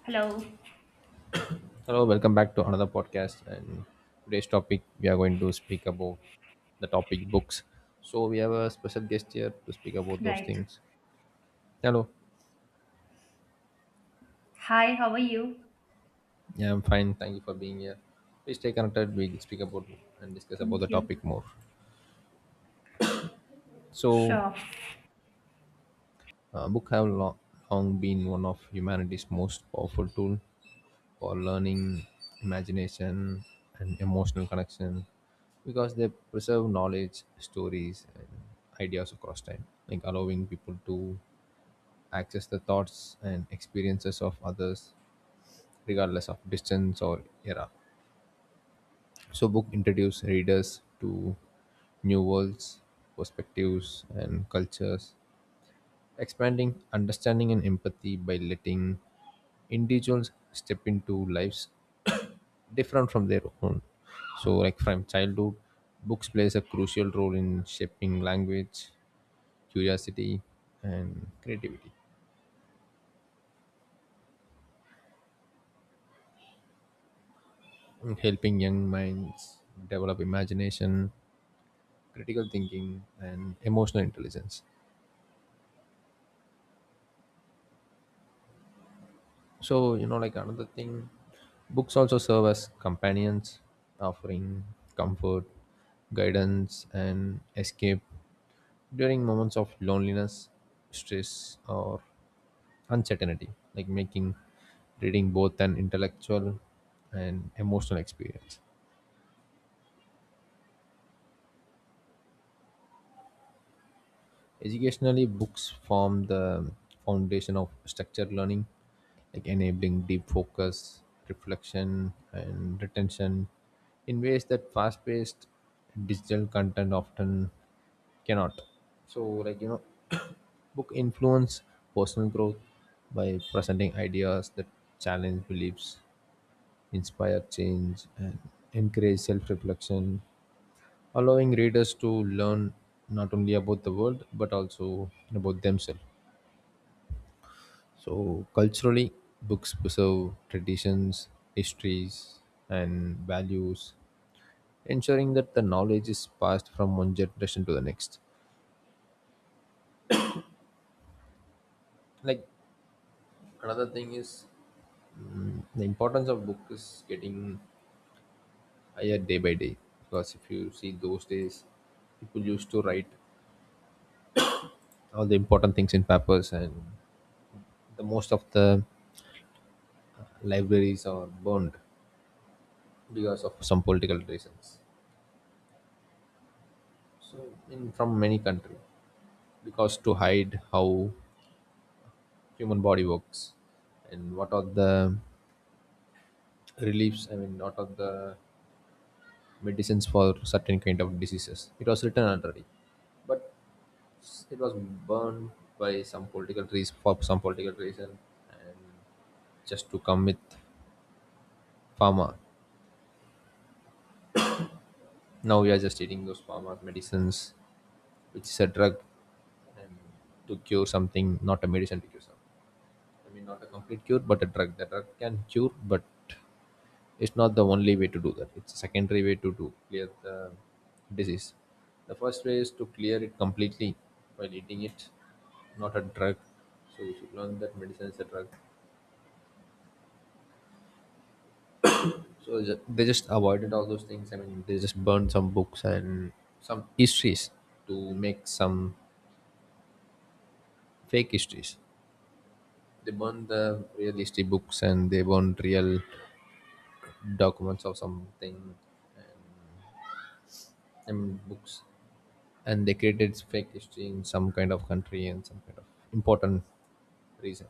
Hello. Hello, welcome back to another podcast. And today's topic we are going to speak about the topic books. So we have a special guest here to speak about those Right. things. Hello, Hi, how are you? yeah, I'm fine. Thank you for being here. Please stay connected. We can speak about and discuss about the Thank topic you. more. So, Sure. Book have long, long been one of humanity's most powerful tool for learning, imagination, and emotional connection because they preserve knowledge, stories, and ideas across time, like allowing people to access the thoughts and experiences of others regardless of distance or era. So, book introduce readers to new worlds, perspectives, and cultures, expanding understanding and empathy by letting individuals step into lives different from their own. So, like from childhood, books plays a crucial role in shaping language, curiosity, and creativity, and helping young minds develop imagination, critical thinking, and emotional intelligence. So, like another thing, books also serve as companions, offering comfort, guidance, and escape during moments of loneliness, stress, or uncertainty, like making reading both an intellectual and emotional experience. Educationally, books form the foundation of structured learning, like enabling deep focus, reflection, and retention in ways that fast paced digital content often cannot. So, like, book influence personal growth by presenting ideas that challenge beliefs, inspire change, and encourage self reflection allowing readers to learn not only about the world but also about themselves. So, culturally, books preserve traditions, histories, and values, ensuring that the knowledge is passed from one generation to the next. Like, another thing is the importance of book is getting higher day by day because if you see those days people used to write all the important things in papers and the most of the libraries are burned because of some political reasons. So in from many country, because to hide how human body works and what are the reliefs. I mean, what are the medicines for certain kind of diseases. It was written already, but it was burned by some political reason for some political reason and just to come with pharma. Now we are just eating those pharma medicines, which is a drug and to cure something, not a medicine to cure something. I mean, not a complete cure, but a drug. The drug can cure, but it's not the only way to do that. It's a secondary way to do clear the disease. The first way is to clear it completely while eating it, not a drug. So we should learn that medicine is a drug. So they just avoided all those things. I mean, they just burned some books and some histories to make some fake histories. They burned the real history books and they burned real documents of something uh, I mean, books and they created fake history in some kind of country and some kind of important reason.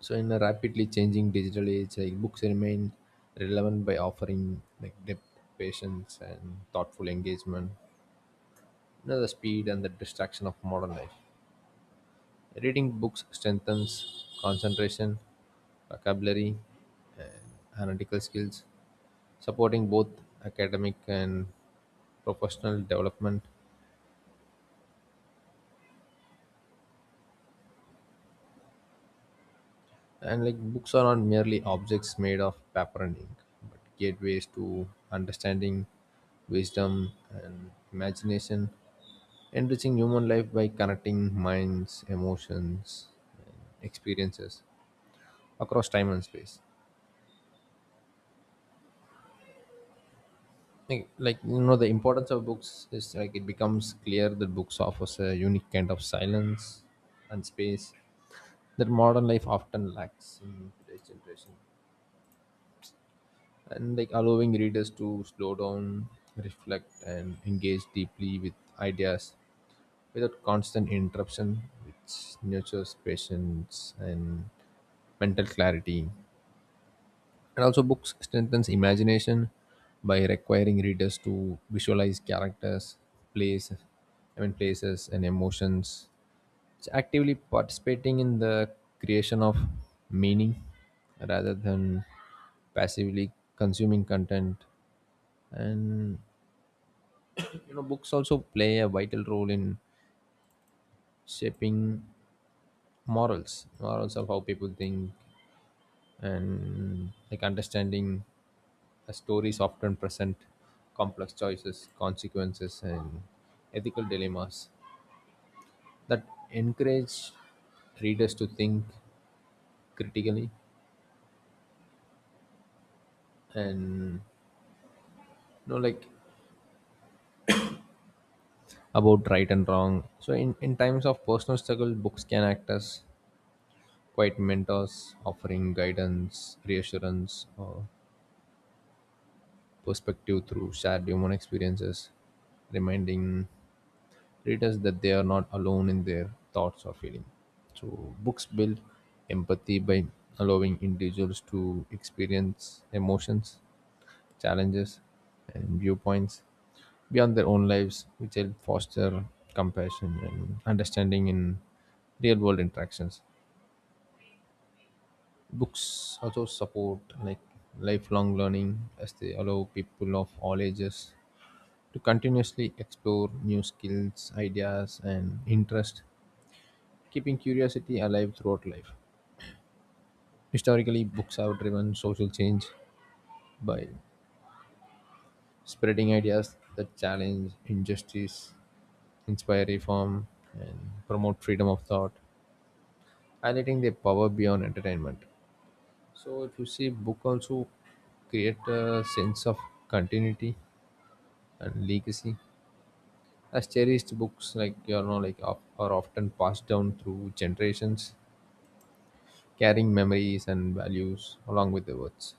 So in a rapidly changing digital age, like books remain relevant by offering like depth, patience, and thoughtful engagement. The speed and the distraction of modern life. Reading books strengthens concentration, vocabulary, and analytical skills, supporting both academic and professional development. And like books are not merely objects made of paper and ink, but gateways to understanding, wisdom, and imagination, enriching human life by connecting minds, emotions, and experiences across time and space. Like, the importance of books is like it becomes clear that books offers a unique kind of silence and space that modern life often lacks in today's generation. And, like, allowing readers to slow down, reflect, and engage deeply with ideas without constant interruption, which nurtures patience and mental clarity. And also, books strengthens imagination by requiring readers to visualize characters, place, I mean places, and emotions. It's actively participating in the creation of meaning rather than passively consuming content. And books also play a vital role in shaping morals of how people think and like understanding a stories often present complex choices, consequences, and ethical dilemmas that encourage readers to think critically and like about right and wrong. So in times of personal struggle, books can act as quite mentors offering guidance, reassurance, or perspective through shared human experiences, reminding readers that they are not alone in their thoughts or feelings. So, books build empathy by allowing individuals to experience emotions, challenges, and viewpoints beyond their own lives, which help foster compassion and understanding in real world interactions. Books also support like lifelong learning as they allow people of all ages to continuously explore new skills, ideas, and interest, keeping curiosity alive throughout life. Historically, books have driven social change by spreading ideas that challenge injustice, inspire reform, and promote freedom of thought, highlighting their power beyond entertainment. So, if you see, book also create a sense of continuity and legacy as cherished books like are often passed down through generations, carrying memories and values along with the words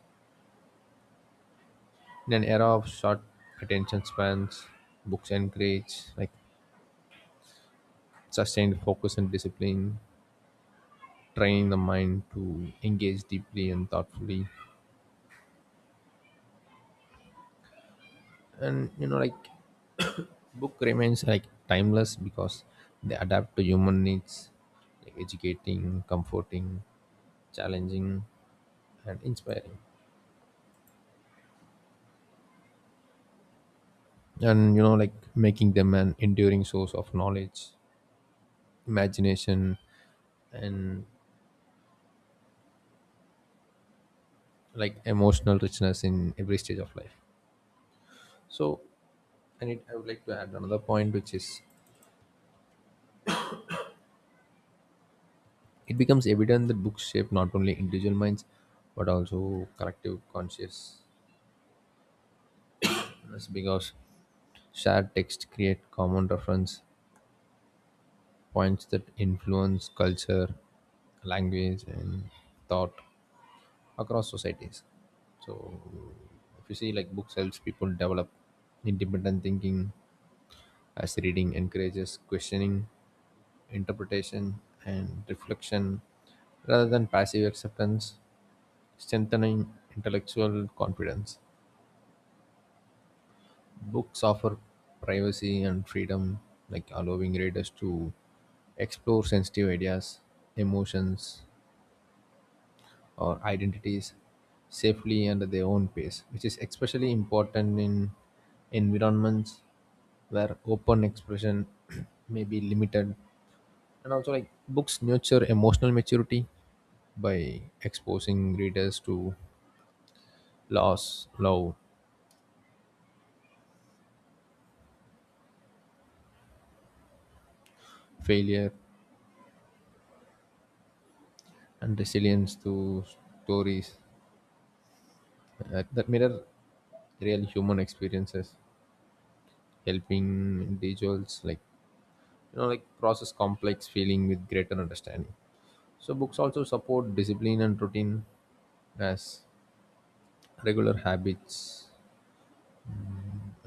in an era of short attention spans. Books encourage like sustained focus and discipline, training the mind to engage deeply and thoughtfully, and like book remains like timeless because they adapt to human needs, like educating, comforting, challenging, and inspiring, and like making them an enduring source of knowledge, imagination, and like emotional richness in every stage of life. So, and I would like to add another point, which is it becomes evident that books shape not only individual minds but also collective consciousness because shared text create common reference points that influence culture, language, and thought across societies. So if you see like books helps people develop independent thinking as reading encourages questioning, interpretation, and reflection rather than passive acceptance, strengthening intellectual confidence. Books offer privacy and freedom, like allowing readers to explore sensitive ideas, emotions, or identities safely and at their own pace, which is especially important in environments where open expression may be limited. And also, like books nurture emotional maturity by exposing readers to loss, love, failure, and resilience through stories that mirror real human experiences, helping individuals like process complex feeling with greater understanding. So books also support discipline and routine as regular habits,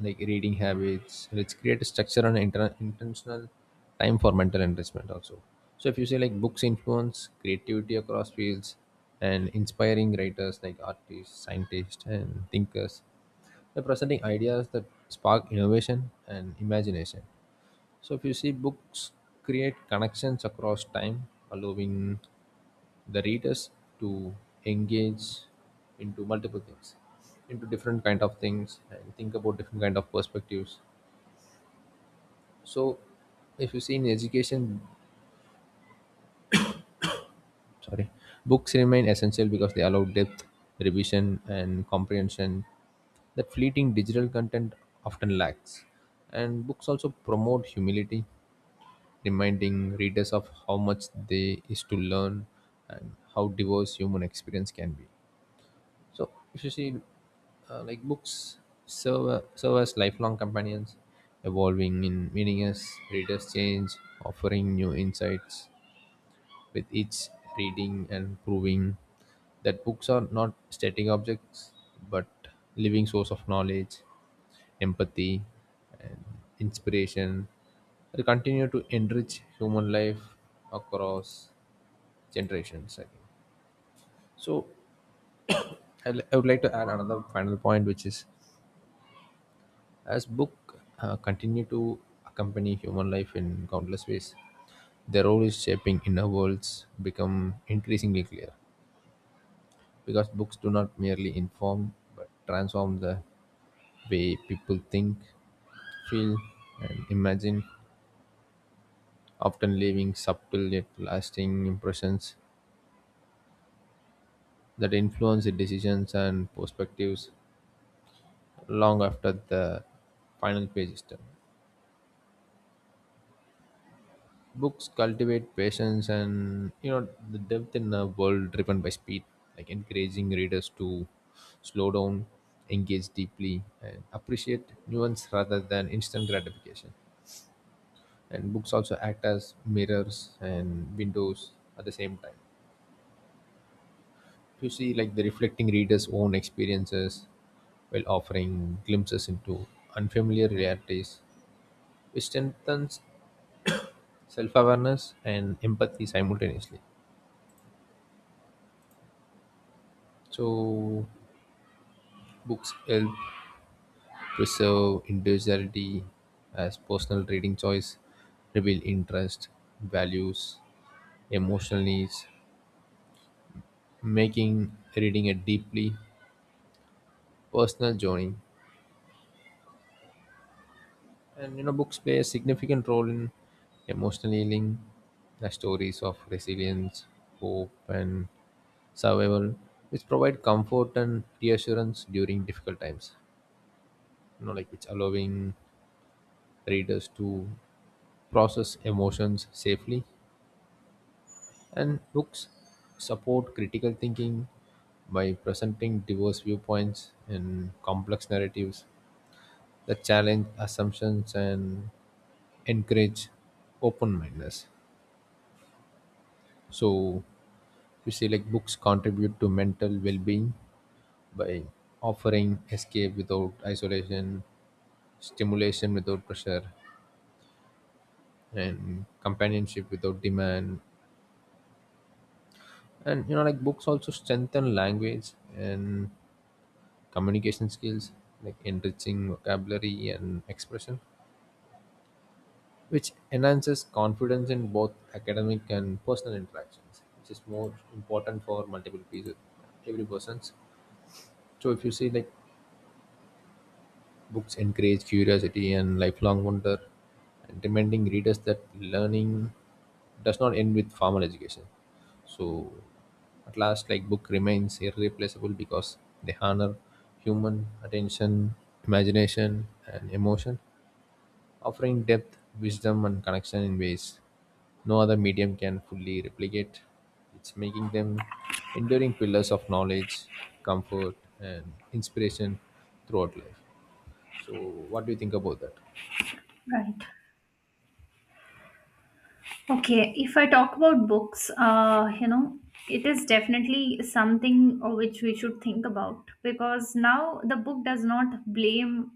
like reading habits, which create a structure and intentional time for mental enrichment also. So if you say like books influence creativity across fields and inspiring writers like artists, scientists, and thinkers, they're presenting ideas that spark innovation and imagination. So if you see, books create connections across time, allowing the readers to engage into multiple things, into different kind of things, and think about different kind of perspectives. So if you see in education, sorry, books remain essential because they allow depth, revision, and comprehension that fleeting digital content often lacks. And books also promote humility, reminding readers of how much there is to learn and how diverse human experience can be. So if you see, like books serve as lifelong companions, evolving in meaning as readers change, offering new insights with each reading and proving that books are not static objects but living source of knowledge, empathy, and inspiration. They continue to enrich human life across generations. I think so. I would like to add another final point, which is as book continue to accompany human life in countless ways, their role is shaping inner worlds become increasingly clear because books do not merely inform but transform the way people think, feel, and imagine, often leaving subtle yet lasting impressions that influence the decisions and perspectives long after the final page is done. Books cultivate patience and the depth in a world driven by speed, like encouraging readers to slow down, engage deeply, and appreciate nuance rather than instant gratification. And books also act as mirrors and windows at the same time. You see, like the reflecting readers' own experiences while offering glimpses into unfamiliar realities, which strengthens self awareness and empathy simultaneously. So, books help preserve individuality as personal reading choice, reveal interest, values, emotional needs, making reading a deeply personal journey. And books play a significant role in emotional healing, the stories of resilience, hope, and survival, which provide comfort and reassurance during difficult times. Like which allowing readers to process emotions safely. And books support critical thinking by presenting diverse viewpoints and complex narratives that challenge assumptions and encourage open mindedness. So, you see, like books contribute to mental well being by offering escape without isolation, stimulation without pressure, and companionship without demand. And like books also strengthen language and communication skills, like enriching vocabulary and expression, which enhances confidence in both academic and personal interactions, which is more important for multiple people, every persons. So if you see, like books encourage curiosity and lifelong wonder, and reminding readers that learning does not end with formal education. So at last, like book remains irreplaceable because they honor human attention, imagination, and emotion, offering depth, wisdom, and connection in ways no other medium can fully replicate. It's making them enduring pillars of knowledge, comfort, and inspiration throughout life. So, what do you think about that? Right. Okay. If I talk about books, you know, it is definitely something which we should think about because now the book does not blame,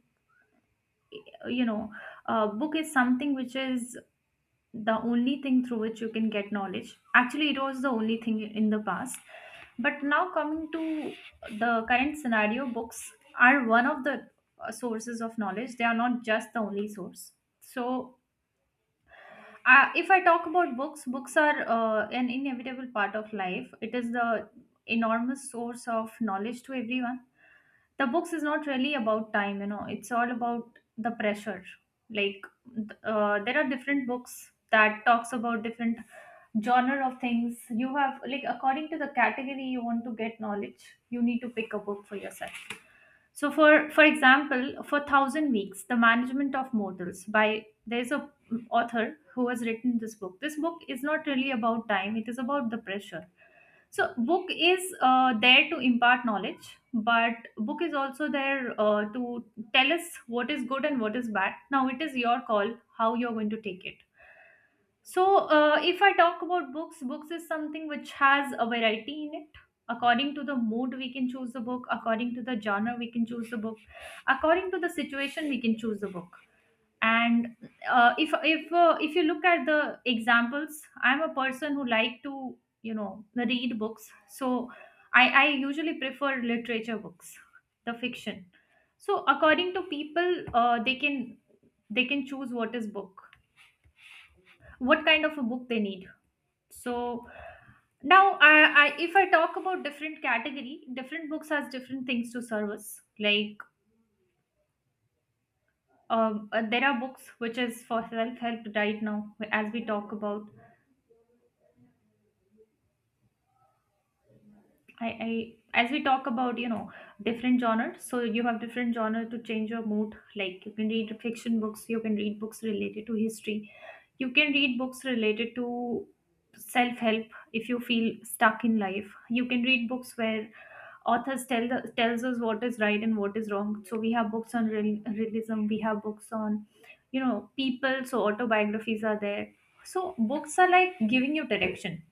you know, book is something which is the only thing through which you can get knowledge. Actually, it was the only thing in the past. But now, coming to the current scenario, books are one of the sources of knowledge. They are not just the only source. So, if I talk about books, books are an inevitable part of life. It is the enormous source of knowledge to everyone. The books is not really about time, you know, it's all about the pressure. Like there are different books that talks about different genre of things. You have, like, according to the category you want to get knowledge, you need to pick a book for yourself. So for example, for 1000 weeks the management of mortals, by there's a author who has written this book. This book is not really about time, it is about the pressure. So book is there to impart knowledge, but book is also there to tell us what is good and what is bad. Now it is your call how you're going to take it. So if I talk about books, books is something which has a variety in it. According to the mood, we can choose the book. According to the genre, we can choose the book. According to the situation, we can choose the book, and if you look at the examples, I'm a person who like to, you know, read books. So I usually prefer literature books, the fiction. So according to people, they can choose what is book, what kind of a book they need. So now I if I talk about different category, different books has different things to service, like there are books which is for self help. Right now, as we talk about, I, I as we talk about, you know, different genres, so you have different genre to change your mood, like you can read fiction books, you can read books related to history, you can read books related to self-help. If you feel stuck in life, you can read books where authors tells us what is right and what is wrong. So we have books on realism, we have books on, you know, people, so autobiographies are there. So books are like giving you direction.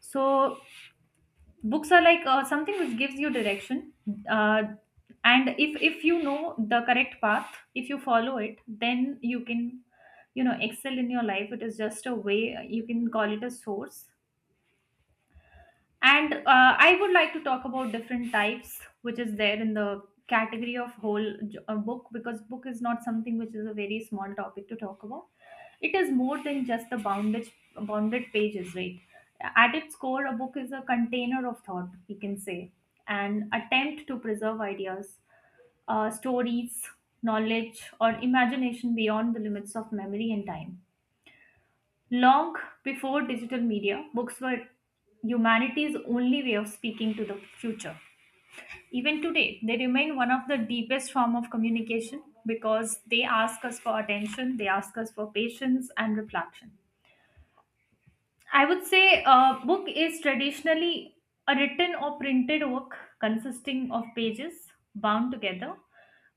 So books are like something which gives you direction, uh, and if you know the correct path, if you follow it then you can, you know, excel in your life. It is just a way, you can call it a source. And I would like to talk about different types which is there in the category of whole book, because book is not something which is a very small topic to talk about. It is more than just the bounded pages, right? At its core, a book is a container of thought, we can say, an attempt to preserve ideas, stories, knowledge, or imagination beyond the limits of memory and time. Long before digital media, books were humanity's only way of speaking to the future. Even today, they remain one of the deepest form of communication because they ask us for attention, they ask us for patience and reflection. I would say a book is traditionally a written or printed work consisting of pages bound together.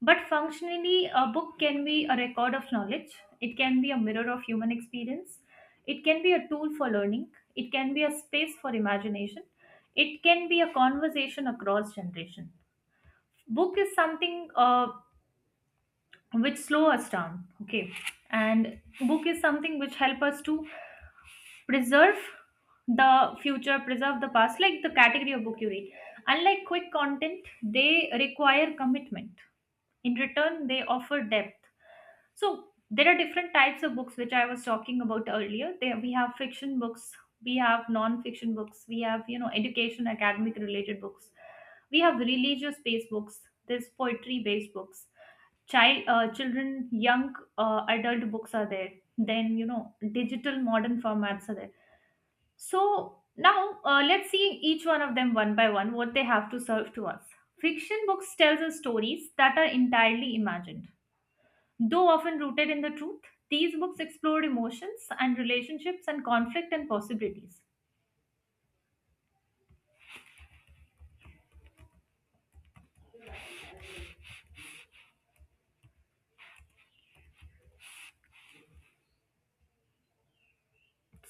But functionally, a book can be a record of knowledge, it can be a mirror of human experience, it can be a tool for learning, it can be a space for imagination, it can be a conversation across generation. Book is something which slow us down, okay, and book is something which help us to preserve the future, preserve the past, like the category of book you read. Unlike quick content, they require commitment. In return, they offer depth. So there are different types of books which I was talking about earlier. There we have fiction books, we have non-fiction books, we have, you know, education, academic related books, we have religious based books, there's poetry based books, children, young adult books are there, then you know, digital modern formats are there. So now let's see each one of them one by one, what they have to serve to us. Fiction books tells us stories that are entirely imagined. Though often rooted in the truth, these books explore emotions and relationships and conflict and possibilities.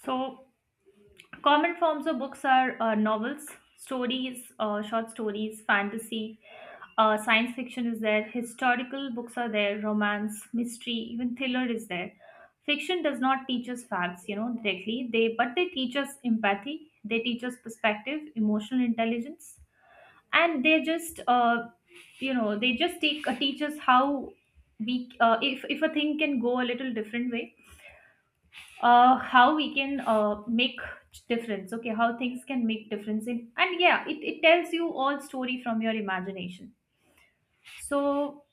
So common forms of books are novels, stories, short stories, fantasy, science fiction is there, historical books are there, romance, mystery, even thriller is there. Fiction does not teach us facts, you know, directly. They, but they teach us empathy, they teach us perspective, emotional intelligence, and they just, you know, they just take teach us how we, if a thing can go a little different way, how we can make difference, okay, how things can make difference in, and yeah, it tells you all story from your imagination. So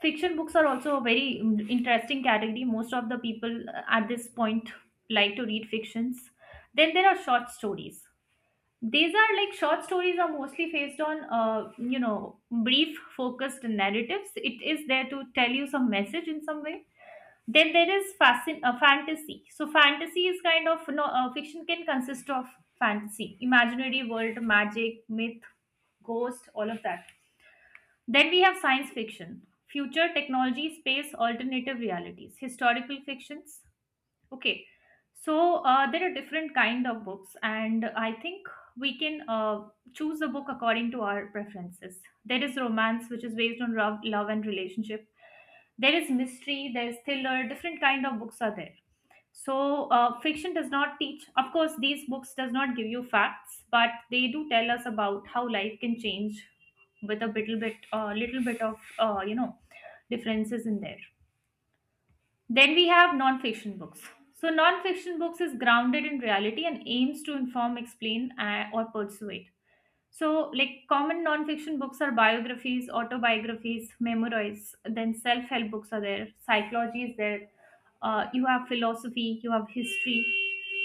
fiction books are also a very interesting category. Most of the people at this point like to read fictions. Then there are short stories. These are like, short stories are mostly based on, you know, brief focused narratives. It is there to tell you some message in some way. Then there is fantasy. So fantasy is kind of no, fiction can consist of fantasy, imaginary world, magic, myth, ghost, all of that. Then we have science fiction, future technology, space, alternative realities, historical fictions. Okay, so there are different kind of books, and I think we can choose a book according to our preferences. There is romance, which is based on love, love and relationship. There is mystery, there is thriller, different kind of books are there. So fiction does not teach, of course these books does not give you facts, but they do tell us about how life can change with a little bit, little bit of, you know, differences in there. Then we have non-fiction books. So non-fiction books is grounded in reality and aims to inform, explain, or persuade. So, like, common non-fiction books are biographies, autobiographies, memoirs, then self-help books are there, psychology is there, you have philosophy, you have history,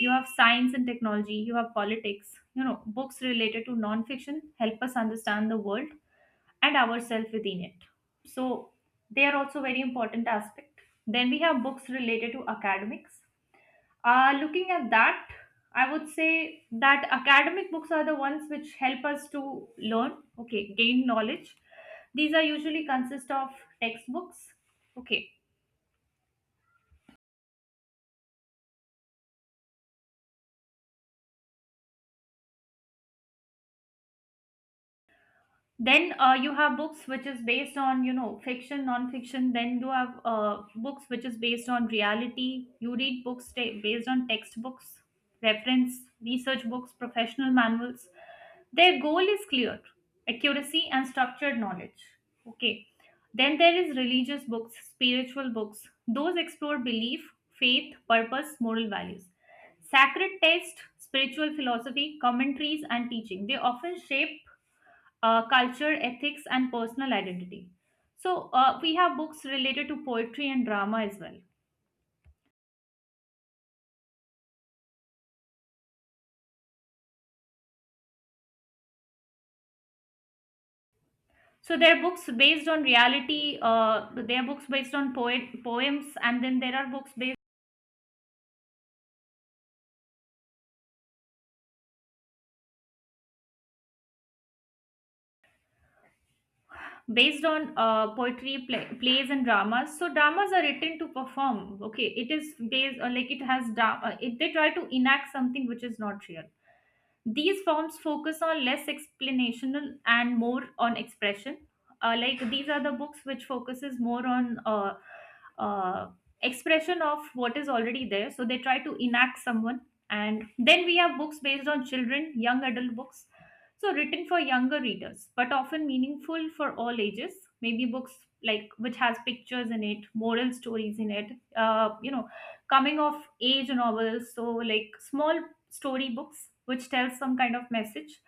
you have science and technology, you have politics. You know, books related to non-fiction help us understand the world and ourselves within it. So, they are also very important aspect. Then we have books related to academics. Looking at that, I would say that academic books are the ones which help us to learn, okay, gain knowledge. These are usually consist of textbooks, okay, then you have books which is based on, you know, fiction, non-fiction, then you have books which is based on reality. You read books based on textbooks, reference, research books, professional manuals. Their goal is clear: accuracy and structured knowledge. Okay, then there is religious books, spiritual books. Those explore belief, faith, purpose, moral values, sacred text, spiritual philosophy, commentaries, and teaching. They often shape culture, ethics, and personal identity. So, we have books related to poetry and drama as well. So, there are books based on reality, there are books based on poems, and then there are books based on poetry, plays, and dramas. So, dramas are written to perform. Okay, it is based, or like it has drama, it, they try to enact something which is not real. These forms focus on less explanational and more on expression. Like these are the books which focuses more on uh, expression of what is already there. So they try to enact someone. And then we have books based on children, young adult books. So written for younger readers, but often meaningful for all ages. Maybe books like which has pictures in it, moral stories in it. Uh, you know, Coming of age novels, so like small storybooks which tells some kind of message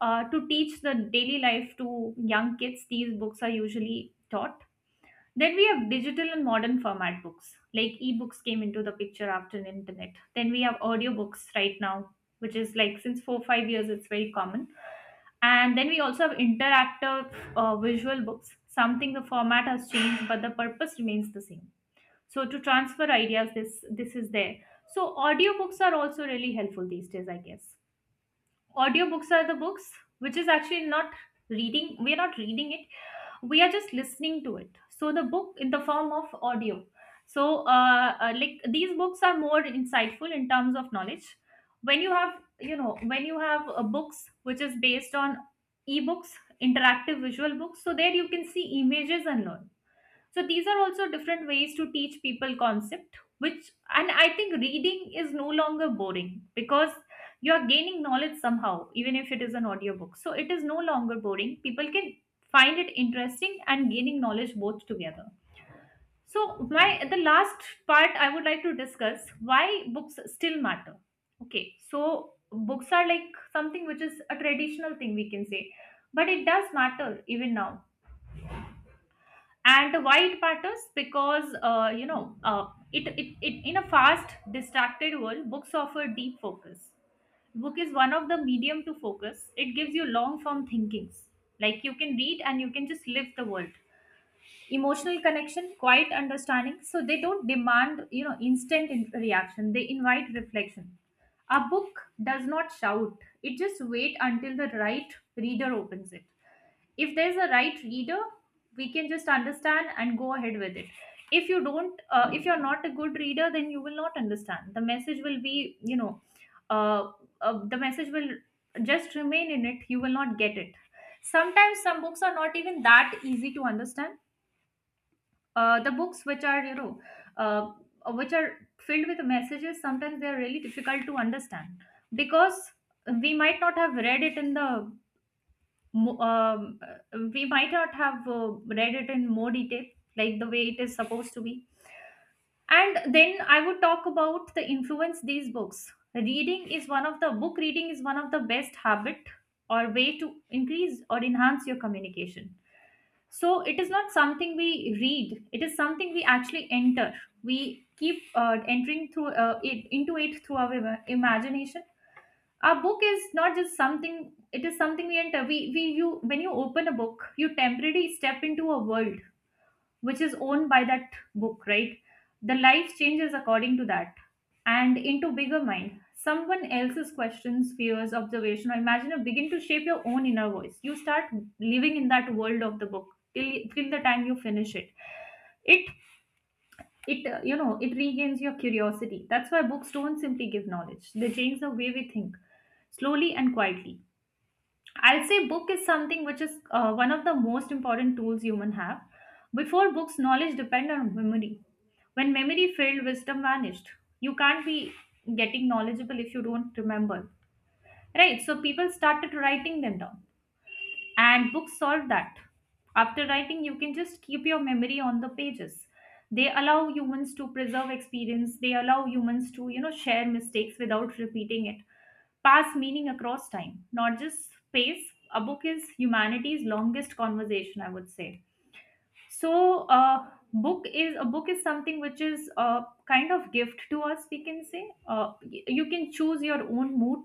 to teach the daily life to young kids, these books are usually taught. Then we have digital and modern format books like ebooks came into the picture after the internet. Then we have audiobooks right now, which is like since 4 5 years it's very common. And then we also have interactive visual books. Something, the format has changed but the purpose remains the same, so to transfer ideas, this is there. So audiobooks are also really helpful these days, I guess. Audiobooks are the books which is actually not reading, we are not reading it, we are just listening to it, so the book in the form of audio. So like these books are more insightful in terms of knowledge. When you have, you know, when you have books which is based on ebooks, interactive visual books, so there you can see images and learn. So these are also different ways to teach people concept which. And I think reading is no longer boring because you are gaining knowledge somehow, even if it is an audiobook, so it is no longer boring. People can find it interesting and gaining knowledge both together. So my, the last part I would like to discuss, why books still matter. Okay, so books are like something which is a traditional thing, we can say, but it does matter even now. And why it matters, because it in a fast distracted world, books offer deep focus. Book is one of the medium to focus, it gives you long form thinkings, like you can read and you can just live the world, emotional connection, quiet understanding. So they don't demand, you know, instant reaction, they invite reflection. A book does not shout, it just wait until the right reader opens it. If there's a right reader, we can just understand and go ahead with it. If you don't, if you're not a good reader, then you will not understand, the message will be, you know, uh, the message will just remain in it, you will not get it. Sometimes some books are not even that easy to understand. The books which are, you know, uh, which are filled with messages, sometimes they are really difficult to understand because we might not have read it in the we might not have read it in more detail, like the way it is supposed to be. And then I would talk about the influence these books. Reading is one of the book reading is one of the best habit or way to increase or enhance your communication. So it is not something we read; it is something we actually enter. We keep entering through it into it through our imagination. A book is not just something, it is something we enter, we you, when you open a book you temporarily step into a world which is owned by that book, right? The life changes according to that, and into bigger mind, someone else's questions, fears, observation, or imagine, or begin to shape your own inner voice. You start living in that world of the book till the time you finish it. it it you know, it regains your curiosity. That's why books don't simply give knowledge, they change the way we think, slowly and quietly. I'd say book is something which is one of the most important tools human have. Before books, knowledge depend on memory. When memory failed, wisdom vanished. You can't be getting knowledgeable if you don't remember. Right, so people started writing them down and books solve that. After writing, you can just keep your memory on the pages. They allow humans to preserve experience, they allow humans to, you know, share mistakes without repeating it, pass meaning across time, not just space. A book is humanity's longest conversation, I would say. So book is a, book is something which is a kind of gift to us, we can say. You can choose your own mood.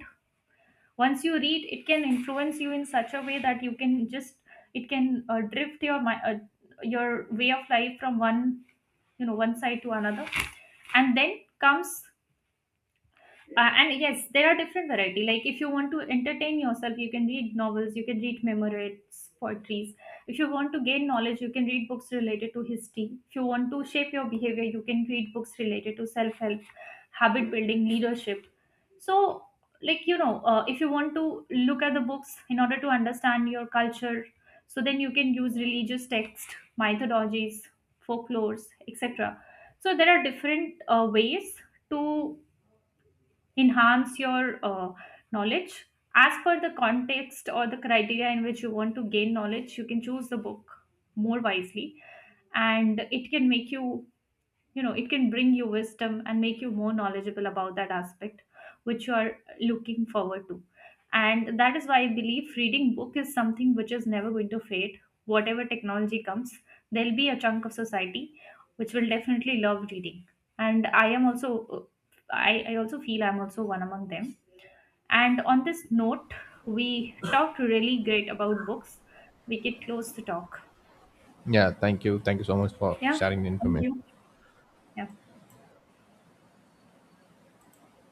Once you read, it can influence you in such a way that you can just, it can drift your your way of life from one, you know, one side to another. And then comes and yes, there are different variety. Like if you want to entertain yourself, you can read novels, you can read memoirs, poetries. If you want to gain knowledge, you can read books related to history. If you want to shape your behavior, you can read books related to self help, habit building, leadership. So like, you know, if you want to look at the books in order to understand your culture, so then you can use religious text, mythologies, folklores, etc. So there are different ways to enhance your knowledge. As per the context or the criteria in which you want to gain knowledge, you can choose the book more wisely, and it can make you, you know, it can bring you wisdom and make you more knowledgeable about that aspect which you are looking forward to. And that is why I believe reading book is something which is never going to fade. Whatever technology comes, there'll be a chunk of society which will definitely love reading. And I am also, I also feel I'm also one among them. And on this note, we talked really great about books, we could close the talk. Yeah, thank you. Thank you so much for Yeah, sharing the thank information. you. Yeah.